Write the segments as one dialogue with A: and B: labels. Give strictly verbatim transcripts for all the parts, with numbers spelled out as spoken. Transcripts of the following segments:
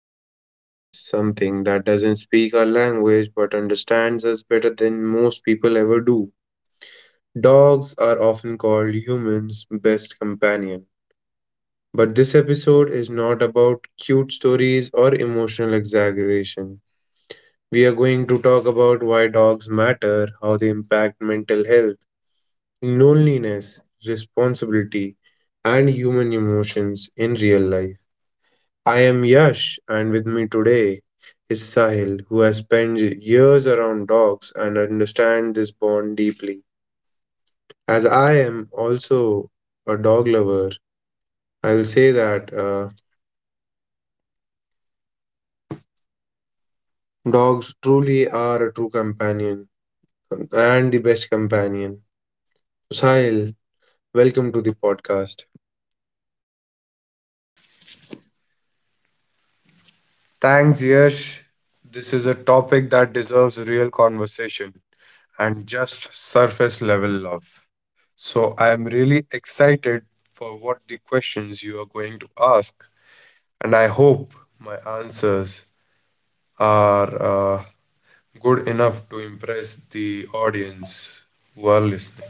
A: to many of us, something that doesn't speak our language but understands us better than most people ever do. Dogs are often called humans' best companion. But this episode is not about cute stories or emotional exaggeration. We are going to talk about why dogs matter, how they impact mental health, loneliness, responsibility, and human emotions in real life. I am Yash, and with me today is Sahil, who has spent years around dogs and understands this bond deeply. As I am also a dog lover, I will say that uh, dogs truly are a true companion and the best companion. Sahil, welcome to the podcast.
B: Thanks, Yash. This is a topic that deserves real conversation and just surface level love. So, I am really excited for what the questions you are going to ask, and I hope my answers are uh, good enough to impress the audience who are listening.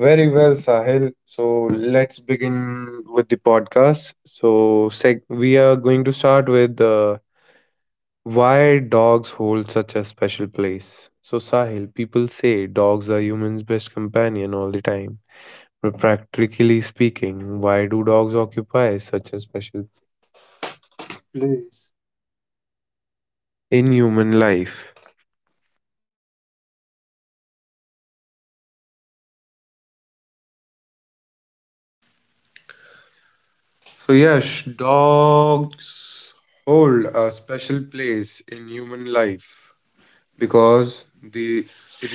A: Very well, Sahil. So let's begin with the podcast. So seg- we are going to start with. The. Why dogs hold such a special place? So, Sahil, people say dogs are humans' best companion all the time. But practically speaking, why do dogs occupy such a special place in human life?
B: So, Yash, dogs hold a special place in human life, because the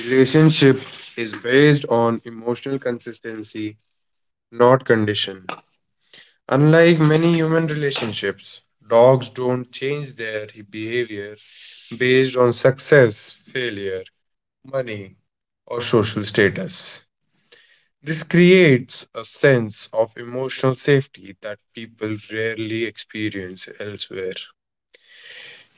B: relationship is based on emotional consistency, not condition. Unlike many human relationships, dogs don't change their behavior based on success, failure, money, or social status. This creates a sense of emotional safety that people rarely experience elsewhere.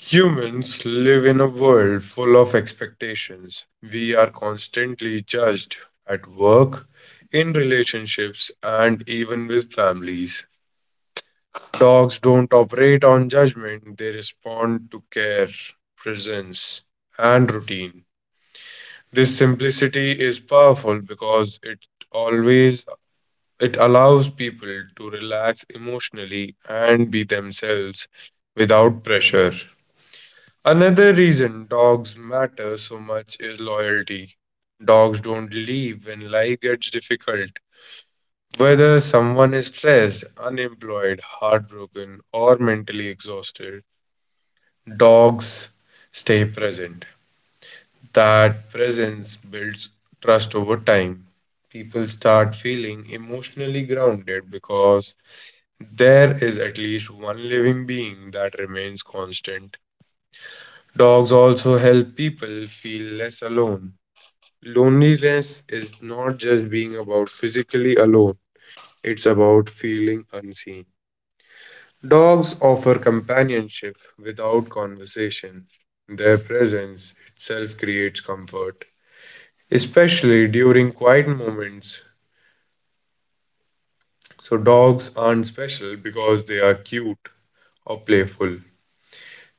B: Humans live in a world full of expectations. We are constantly judged at work, in relationships, and even with families. Dogs don't operate on judgment, they respond to care, presence, and routine. This simplicity is powerful because it always it allows people to relax emotionally and be themselves without pressure. Another reason dogs matter so much is loyalty. Dogs don't leave when life gets difficult. Whether someone is stressed, unemployed, heartbroken, or mentally exhausted, dogs stay present. That presence builds trust over time. People start feeling emotionally grounded because there is at least one living being that remains constant. Dogs also help people feel less alone. Loneliness is not just being about physically alone, it's about feeling unseen. Dogs offer companionship without conversation. Their presence itself creates comfort, especially during quiet moments. So, dogs aren't special because they are cute or playful.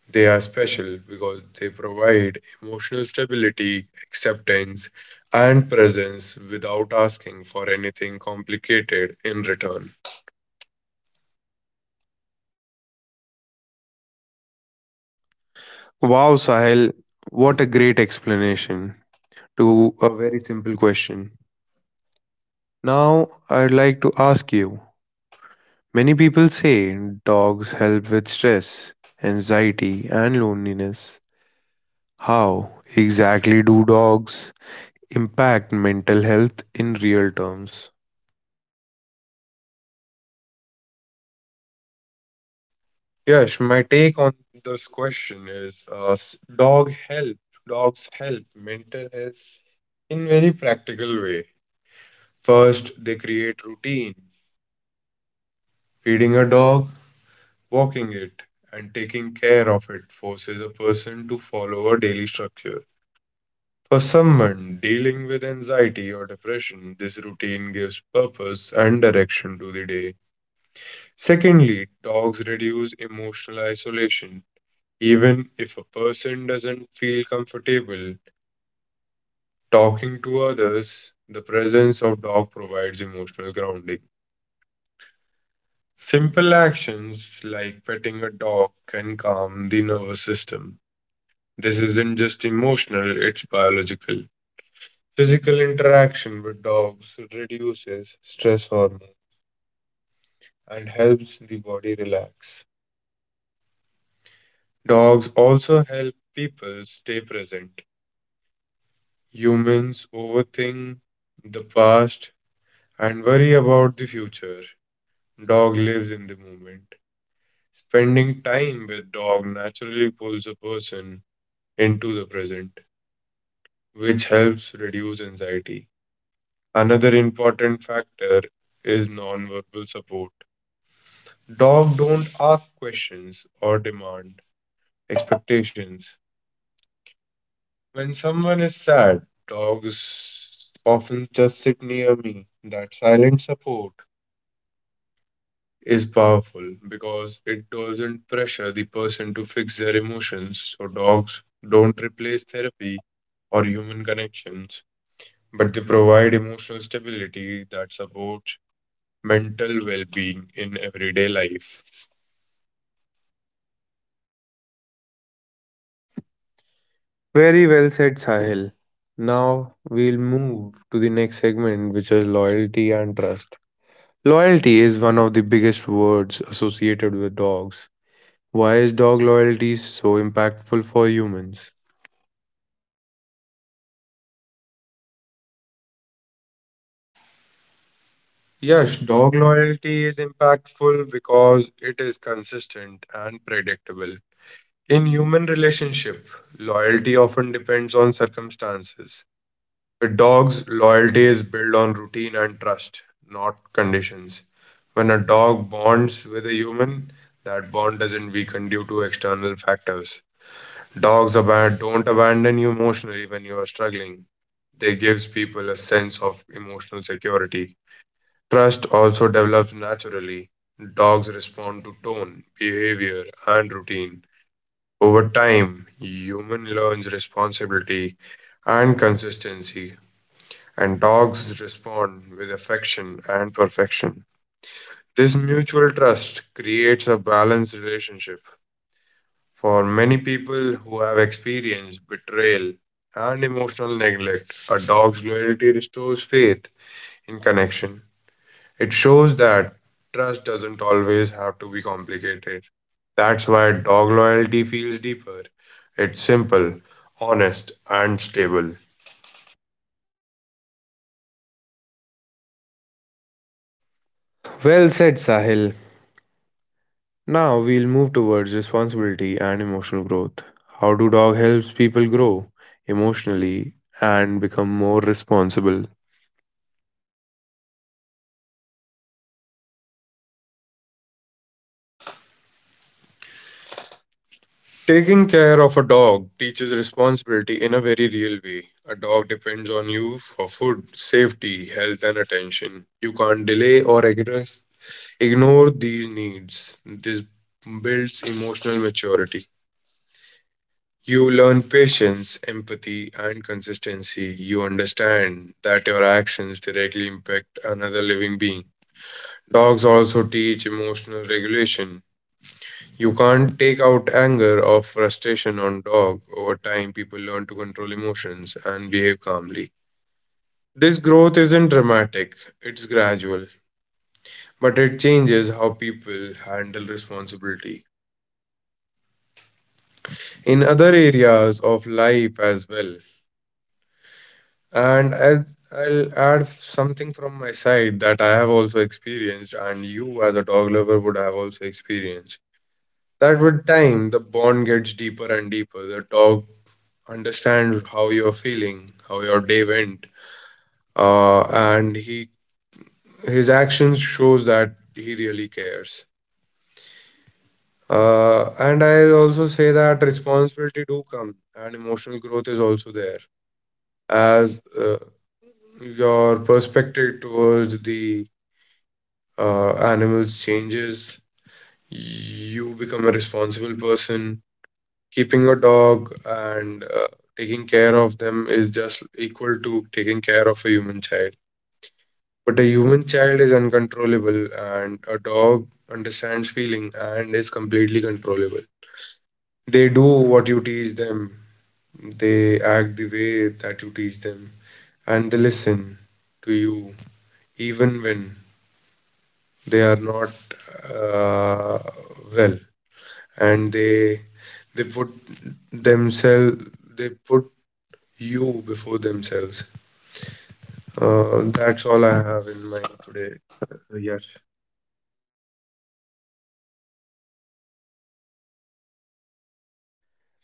B: They are special because they provide emotional stability, acceptance, and presence without asking for anything complicated in return.
A: Wow, Sahil, what a great explanation to a very simple question. Now, I'd like to ask you, many people say dogs help with stress, anxiety, and loneliness. How exactly do dogs impact mental health in real terms?
B: Yes, my take on this question is uh, s- dog help. Dogs help mental health in very practical way. First, they create routine. Feeding a dog, walking it, and taking care of it forces a person to follow a daily structure. For someone dealing with anxiety or depression, this routine gives purpose and direction to the day. Secondly, dogs reduce emotional isolation. Even if a person doesn't feel comfortable talking to others, the presence of dog provides emotional grounding. Simple actions like petting a dog can calm the nervous system. This isn't just emotional, it's biological. Physical interaction with dogs reduces stress hormone and helps the body relax. Dogs also help people stay present. Humans overthink the past and worry about the future. Dog lives in the moment. Spending time with dog naturally pulls a person into the present, which helps reduce anxiety. Another important factor is nonverbal support. Dog don't ask questions or demand expectations. When someone is sad, dogs often just sit near me. That silent support is powerful because it doesn't pressure the person to fix their emotions. So dogs don't replace therapy or human connections, but they provide emotional stability that supports mental well-being in everyday life.
A: Very well said, Sahil. Now we'll move to the next segment, which is loyalty and trust. Loyalty is one of the biggest words associated with dogs. Why is dog loyalty so impactful for humans?
B: Yes, dog loyalty is impactful because it is consistent and predictable. In human relationship, loyalty often depends on circumstances. With dogs, loyalty is built on routine and trust, not conditions. When a dog bonds with a human, that bond doesn't weaken due to external factors. Dogs aban- don't abandon you emotionally when you are struggling. They gives people a sense of emotional security. Trust also develops naturally. Dogs respond to tone, behavior, and routine. Over time, human learns responsibility and consistency, and dogs respond with affection and perfection. This mutual trust creates a balanced relationship. For many people who have experienced betrayal and emotional neglect, a dog's loyalty restores faith in connection. It shows that trust doesn't always have to be complicated. That's why dog loyalty feels deeper. It's simple, honest, and stable.
A: Well said, Sahil. Now we'll move towards responsibility and emotional growth. How do dog helps people grow emotionally and become more responsible?
B: Taking care of a dog teaches responsibility in a very real way. A dog depends on you for food, safety, health, and attention. You can't delay or ignore ignore these needs. This builds emotional maturity. You learn patience, empathy, and consistency. You understand that your actions directly impact another living being. Dogs also teach emotional regulation. You can't take out anger or frustration on dog. Over time, people learn to control emotions and behave calmly. This growth isn't dramatic, it's gradual, but it changes how people handle responsibility in other areas of life as well. And I'll, I'll add something from my side that I have also experienced, and you, as a dog lover, would have also experienced. That with time, the bond gets deeper and deeper. The dog understands how you're feeling, how your day went, uh, and he his actions shows that he really cares. Uh, and I also say that responsibility do come, and emotional growth is also there as uh, your perspective towards the uh, animals changes. You become a responsible person. Keeping a dog and uh, taking care of them is just equal to taking care of a human child, but a human child is uncontrollable and a dog understands feeling and is completely controllable. They do what you teach them. They act the way that you teach them. And they listen to you even when they are not uh, well. And they They put themselves, they put you before themselves. Uh, that's all I have in mind today. Uh, yes.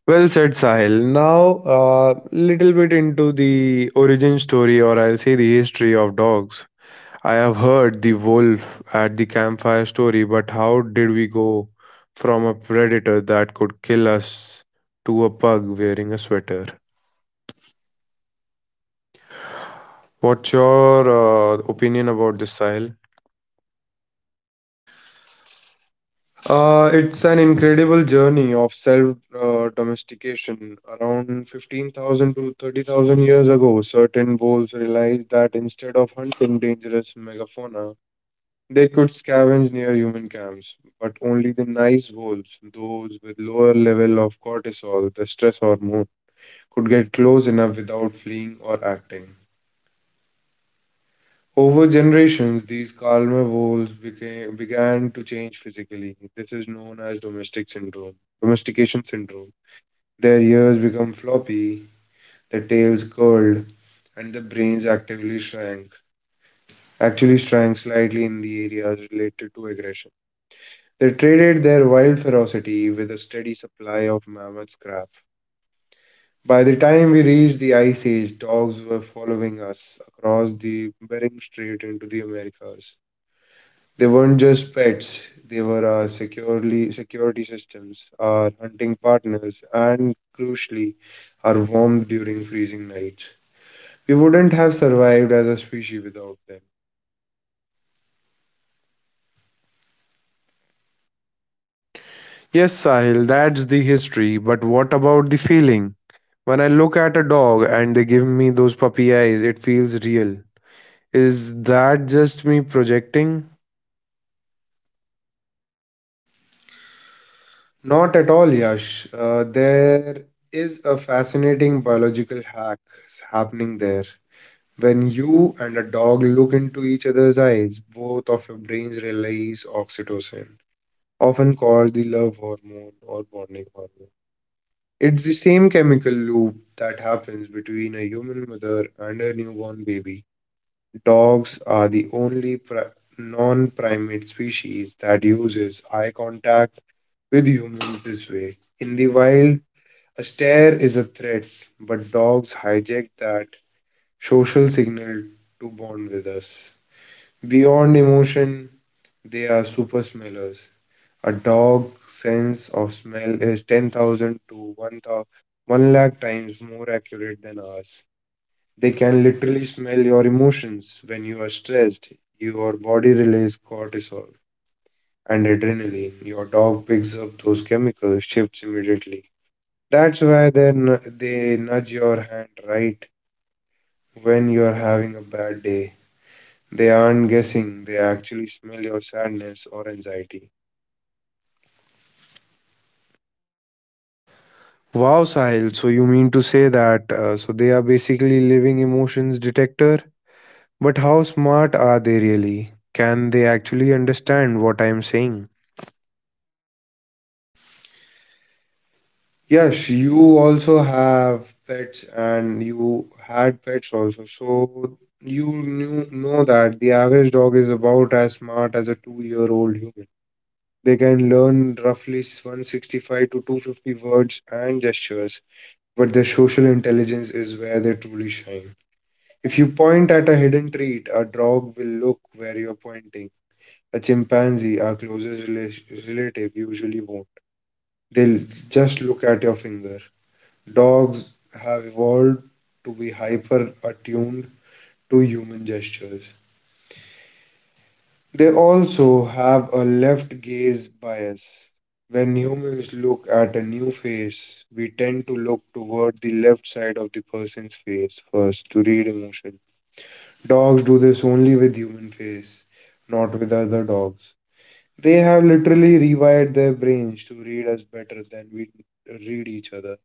A: Well said, Sahil. Now, a little bit into the origin story, or I'll say the history of dogs. I have heard the wolf at the campfire story, but how did we go from a predator that could kill us to a pug wearing a sweater? What's your uh, opinion about this, Sahil?
B: Uh, it's an incredible journey of self uh, domestication. Around fifteen thousand to thirty thousand years ago, certain wolves realized that instead of hunting dangerous megafauna, they could scavenge near human camps. But only the nice wolves, those with lower level of cortisol, the stress hormone, could get close enough without fleeing or acting. Over generations, these carnivores became, began to change physically. This is known as domestic syndrome, domestication syndrome. Their ears become floppy, their tails curled, and the brains actively shrank, actually shrank slightly in the areas related to aggression. They traded their wild ferocity with a steady supply of mammoth scrap. By the time we reached the Ice Age, dogs were following us across the Bering Strait into the Americas. They weren't just pets, they were our securely, security systems, our hunting partners, and crucially, our warmth during freezing nights. We wouldn't have survived as a species without them.
A: Yes, Sahil, that's the history, but what about the feeling? When I look at a dog and they give me those puppy eyes, it feels real. Is that just me projecting?
B: Not at all, Yash. Uh, there is a fascinating biological hack happening there. When you and a dog look into each other's eyes, both of your brains release oxytocin, often called the love hormone or bonding hormone. It's the same chemical loop that happens between a human mother and a newborn baby. Dogs are the only pri- non primate species that uses eye contact with humans this way. In the wild, a stare is a threat, but dogs hijack that social signal to bond with us. Beyond emotion, they are super smellers. A dog's sense of smell is ten thousand to one, thou- one lakh times more accurate than ours. They can literally smell your emotions when you are stressed. Your body releases cortisol and adrenaline. Your dog picks up those chemical shifts immediately. That's why they, n- they nudge your hand right when you're having a bad day. They aren't guessing, they actually smell your sadness or anxiety.
A: Wow, Sahil, so you mean to say that uh, so they are basically living emotions detector? But how smart are they really? Can they actually understand what I am saying?
B: Yes, you also have pets and you had pets also. So you knew, know that the average dog is about as smart as a two-year-old human. They can learn roughly one hundred sixty-five to two hundred fifty words and gestures, but their social intelligence is where they truly shine. If you point at a hidden treat, a dog will look where you're pointing. A chimpanzee, our closest rela- relative, usually won't. They'll just look at your finger. Dogs have evolved to be hyper attuned to human gestures. They also have a left gaze bias. When humans look at a new face, we tend to look toward the left side of the person's face first to read emotion. Dogs do this only with human face, not with other dogs. They have literally rewired their brains to read us better than we read each other.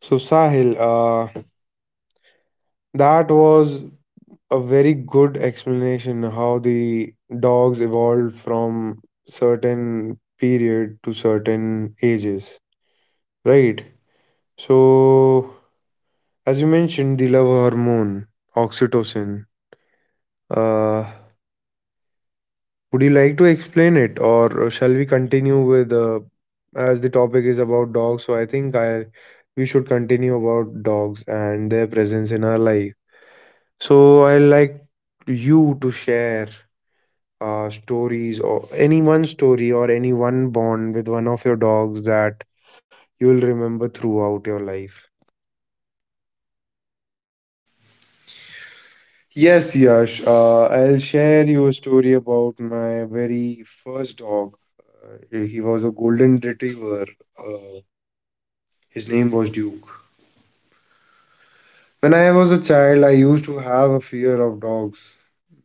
A: So Sahil, uh, that was a very good explanation how the dogs evolved from certain period to certain ages, right? So, as you mentioned, the love hormone, oxytocin. Uh, would you like to explain it, or shall we continue with uh, as the topic is about dogs? So I think I we should continue about dogs and their presence in our life. So I like you to share uh, stories, or any one story or any one bond with one of your dogs that you will remember throughout your life.
B: Yes, Yash, uh, I'll share you a story about my very first dog. Uh, he was a golden retriever. Uh, his name was Duke. When I was a child, I used to have a fear of dogs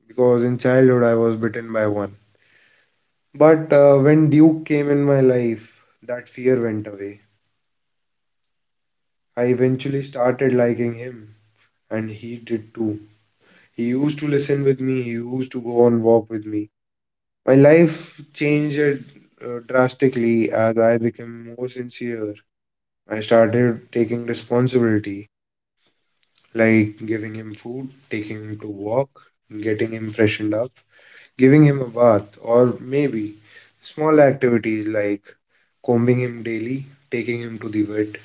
B: because in childhood I was bitten by one. But uh, when Duke came in my life, that fear went away. I eventually started liking him, and he did too. He used to listen with me. He used to go on walk with me. My life changed uh, drastically as I became more sincere. I started taking responsibility, like giving him food, taking him to walk, getting him freshened up, giving him a bath, or maybe small activities like combing him daily, taking him to the vet.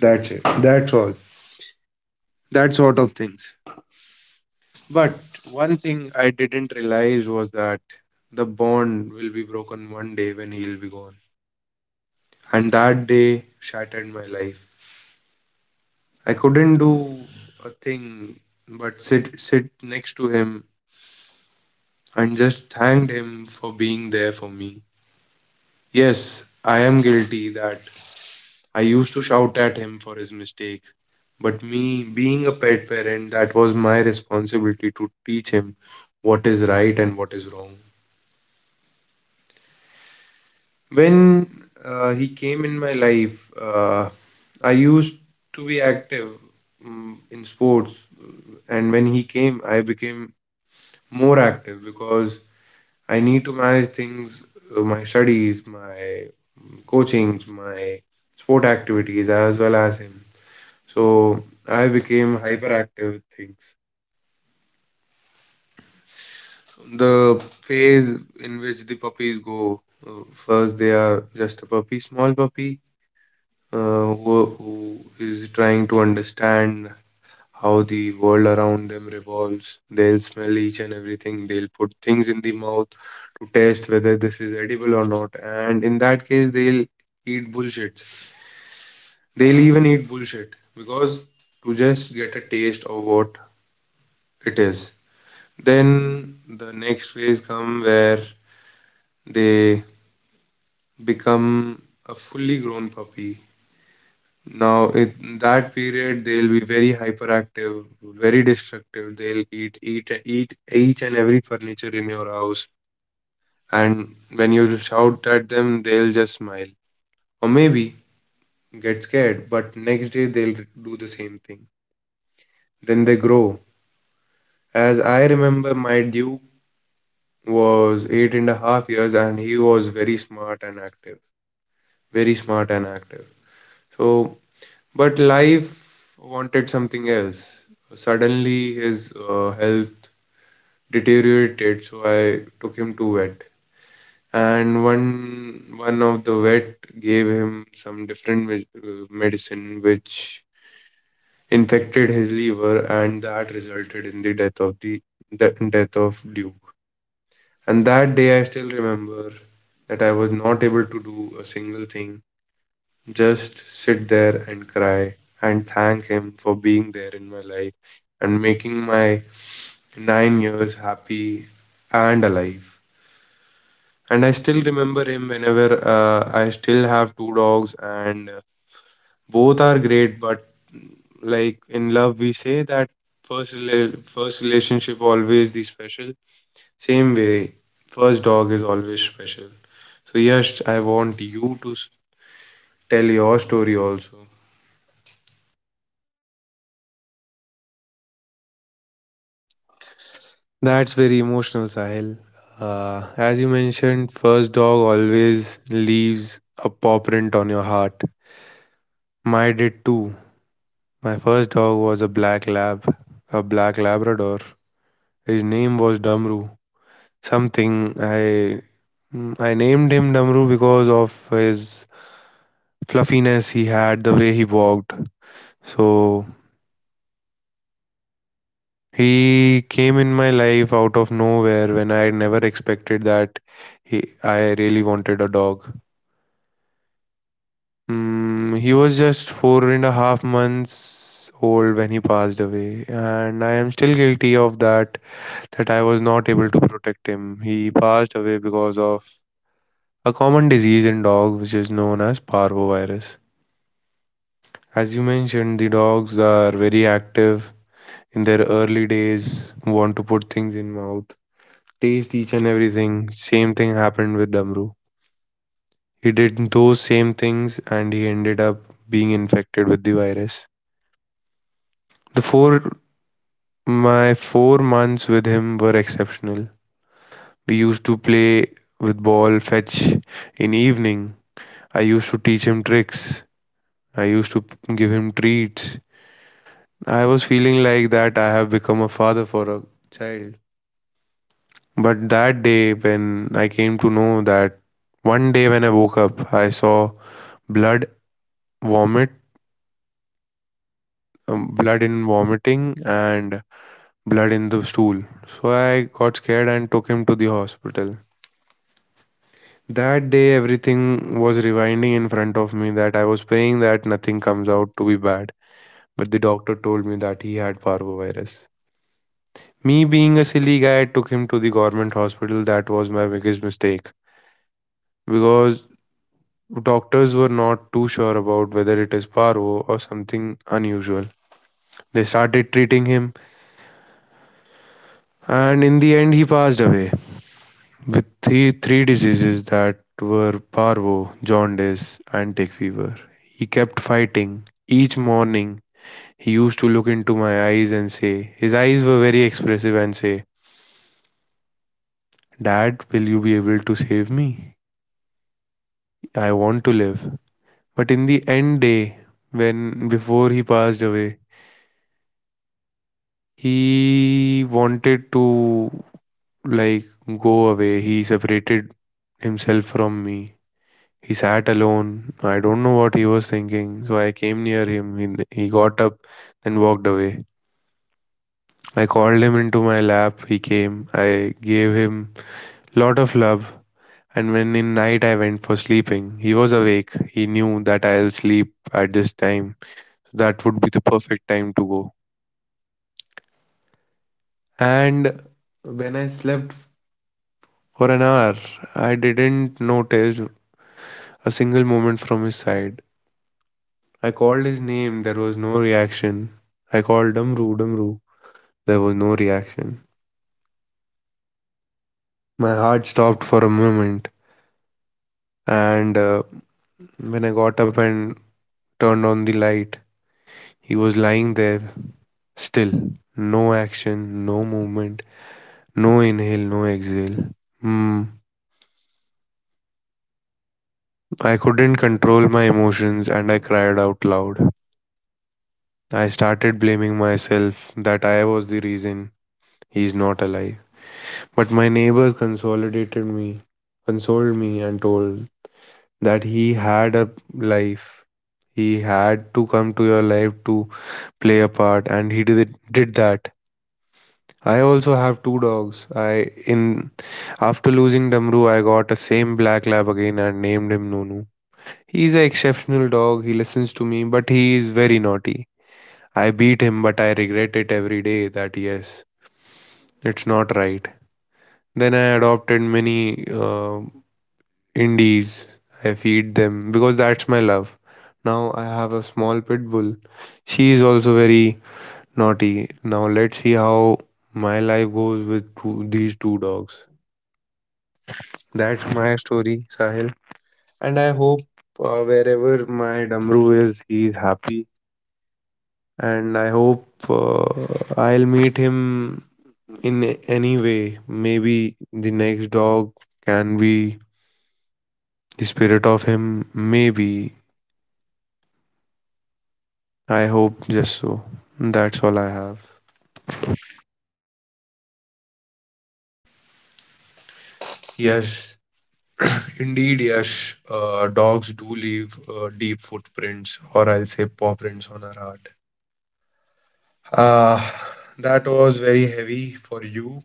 B: That's it. That's all. That sort of things. But one thing I didn't realize was that the bond will be broken one day when he'll be gone. And that day shattered my life. I couldn't do a thing but sit sit next to him and just thanked him for being there for me. Yes, I am guilty that I used to shout at him for his mistake, but me being a pet parent, that was my responsibility to teach him what is right and what is wrong. When uh, he came in my life, uh, I used to be active, mm, in sports, and when he came, I became more active because I need to manage things, uh, my studies, my, mm, coachings, my sport activities, as well as him. So I became hyperactive with things. The phase in which the puppies go, uh, first they are just a puppy, small puppy, uh, who, who is trying to understand how the world around them revolves. They'll smell each and everything. They'll put things in the mouth to test whether this is edible or not. And in that case, they'll eat bullshits. They'll even eat bullshit because to just get a taste of what it is. Then the next phase come where they become a fully grown puppy. Now, it, in that period, they'll be very hyperactive, very destructive. They'll eat, eat, eat each and every furniture in your house. And when you shout at them, they'll just smile or maybe get scared. But next day, they'll do the same thing. Then they grow. As I remember, my Duke was eight and a half years and he was very smart and active. Very smart and active. So. But life wanted something else. Suddenly, his uh, health deteriorated, so I took him to vet. And one one of the vet gave him some different med- uh, medicine, which infected his liver, and that resulted in the death of the, the death of Duke. And that day, I still remember that I was not able to do a single thing. Just sit there and cry and thank him for being there in my life and making my nine years happy and alive. And I still remember him, whenever uh, I still have two dogs, and uh, both are great. But, mm, like in love, we say that first rela- first relationship always the special. Same way, first dog is always special. So yes, I want you to s- tell your story also.
A: That's very emotional, Sahil. Uh, as you mentioned, first dog always leaves a paw print on your heart. Mine did too. My first dog was a black lab, a black Labrador. His name was Dumru. Something I I named him Dumru because of his fluffiness he had, the way he walked. So he came in my life out of nowhere when I had never expected that, he, I really wanted a dog. Mm, he was just four and a half months old when he passed away, and I am still guilty of that, that I was not able to protect him. He passed away because of a common disease in dog which is known as parvovirus. As you mentioned, the dogs are very active in their early days, want to put things in mouth, taste each and everything. Same thing happened with Damru. He did those same things and he ended up being infected with the virus. The four my four months with him were exceptional. We used to play with ball fetch in evening. I used to teach him tricks. I used to give him treats. I was feeling like that I have become a father for a child. But that day, when I came to know that, one day when I woke up, I saw blood vomit, um, blood in vomiting, and blood in the stool. So I got scared and took him to the hospital. That day, everything was rewinding in front of me, that I was praying that nothing comes out to be bad. But the doctor told me that he had parvovirus. Me being a silly guy, I took him to the government hospital. That was my biggest mistake because doctors were not too sure about whether it is parvo or something unusual. They started treating him, and in the end, he passed away with three, three diseases that were parvo, jaundice, and tick fever. He kept fighting. Each morning, he used to look into my eyes and say, his eyes were very expressive and say, "Dad, will you be able to save me? I want to live." But in the end day, when before he passed away, he wanted to, like, go away. He separated himself from me. He sat alone. I don't know what he was thinking. So I came near him. He, he got up and walked away. I called him into my lap. He came. I gave him lot of love. And when in night I went for sleeping, he was awake. He knew that I'll sleep at this time. That would be the perfect time to go. And when I slept for an hour, I didn't notice a single movement from his side. I called his name, there was no reaction. I called Damru, Damru, there was no reaction. My heart stopped for a moment, and uh, when I got up and turned on the light, he was lying there still. No action, no movement, no inhale, no exhale. Hmm. I couldn't control my emotions and I cried out loud. I started blaming myself that I was the reason he is not alive. But my neighbor consolidated me, consoled me, and told that he had a life. He had to come to your life to play a part, and he did did that. I also have two dogs. I in After losing Damru, I got a same black lab again and named him Nunu. He's an exceptional dog. He listens to me, but he is very naughty. I beat him, but I regret it every day that yes, it's not right. Then I adopted many uh, indies. I feed them because that's my love. Now I have a small pit bull. She is also very naughty. Now let's see how my life goes with two, these two dogs. That's my story, Sahil. And I hope uh, wherever my Damru is, he is happy. And I hope uh, I'll meet him in a- any way. Maybe the next dog can be the spirit of him, maybe. I hope just so. That's all I have.
B: Yes, Indeed, Yash, uh, dogs do leave uh, deep footprints, or I'll say paw prints on our heart. Uh, that was very heavy for you.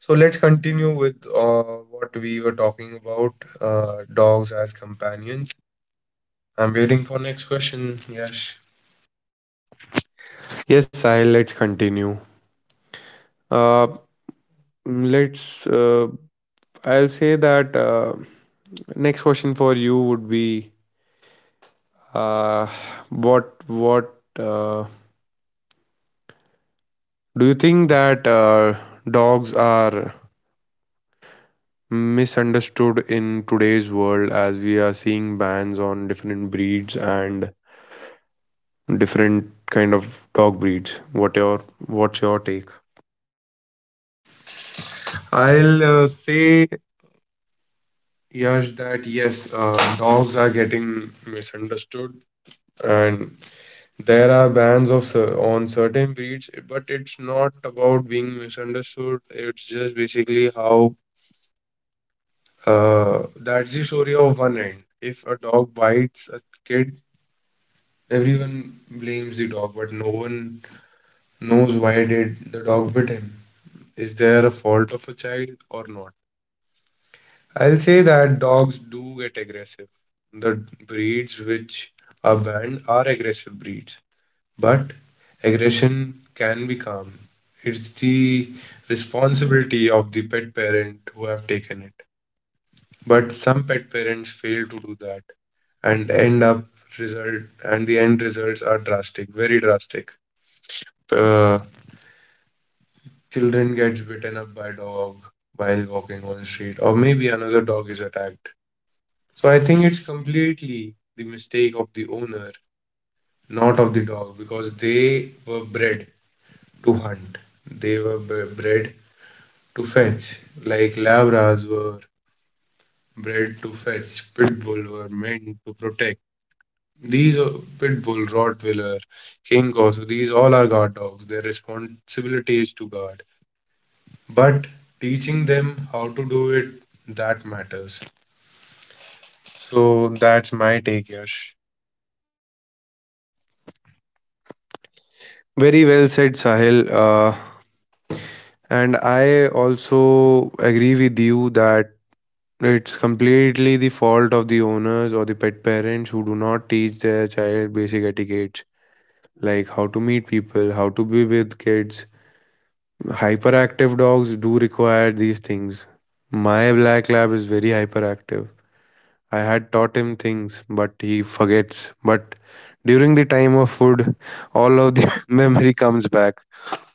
B: So let's continue with uh, what we were talking about, uh, dogs as companions. I'm waiting for next question, Yash.
A: Yes, I let's continue. Uh, let's. Uh, I'll say that uh, next question for you would be, uh, what what uh, do you think that uh, dogs are misunderstood in today's world as we are seeing bans on different breeds and different kind of dog breeds? What your what's your take?
B: I'll uh, say, Yash, that yes, uh, dogs are getting misunderstood, and there are bans of cer- on certain breeds, but it's not about being misunderstood. It's just basically how, uh, that's the story of one end. If a dog bites a kid, everyone blames the dog, but no one knows why did the dog bit him. Is there a fault of a child or not? I'll say that dogs do get aggressive. The breeds which are banned are aggressive breeds. But aggression can be calm. It's the responsibility of the pet parent who have taken it. But some pet parents fail to do that and end up result and the end results are drastic, very drastic. Uh, children gets bitten up by dog while walking on the street, or maybe another dog is attacked. So I think it's completely the mistake of the owner, not of the dog, because they were bred to hunt. They were b- bred to fetch, like Labras were bred to fetch, pit bull were meant to protect. These are- pit bull, Rottweiler, King Corso, these all are guard dogs. Their responsibility is to guard, but teaching them how to do it, that matters. So that's my take, Yash.
A: Very well said, Sahil. Uh, and I also agree with you that it's completely the fault of the owners or the pet parents who do not teach their child basic etiquettes like how to meet people, how to be with kids. Hyperactive dogs do require these things. My black lab is very hyperactive. I had taught him things, but he forgets. But during the time of food, all of the memory comes back.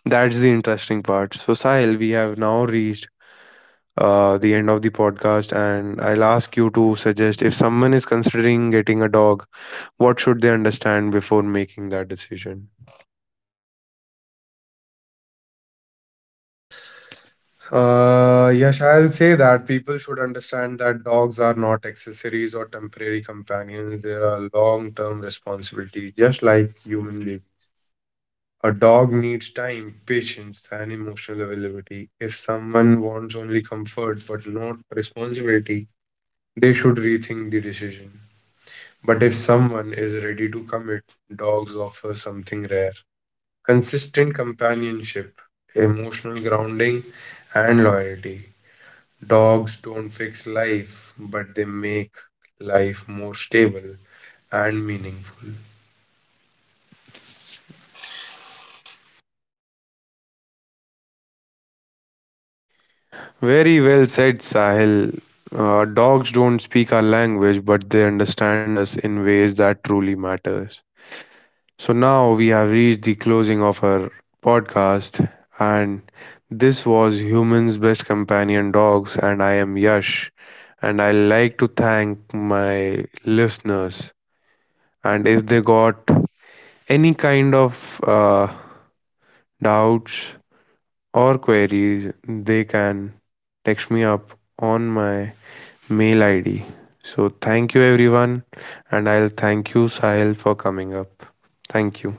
A: That's the interesting part. So, Sahil, we have now reached uh, the end of the podcast, and I'll ask you to suggest, if someone is considering getting a dog, what should they understand before making that decision?
B: Uh, Yash, I'll say that people should understand that dogs are not accessories or temporary companions. They are long-term responsibilities, just like human beings. A dog needs time, patience, and emotional availability. If someone wants only comfort but not responsibility, they should rethink the decision. But if someone is ready to commit, dogs offer something rare: consistent companionship, emotional grounding, and loyalty. Dogs don't fix life, but they make life more stable and meaningful.
A: Very well said, Sahil. Uh, dogs don't speak our language, but they understand us in ways that truly matters. So now we have reached the closing of our podcast, and this was Human's Best Companion Dogs, and I am Yash. And I like to thank my listeners. And if they got any kind of uh, doubts or queries, they can text me up on my mail I D. So thank you, everyone, and I'll thank you, Sahil, for coming up. Thank you.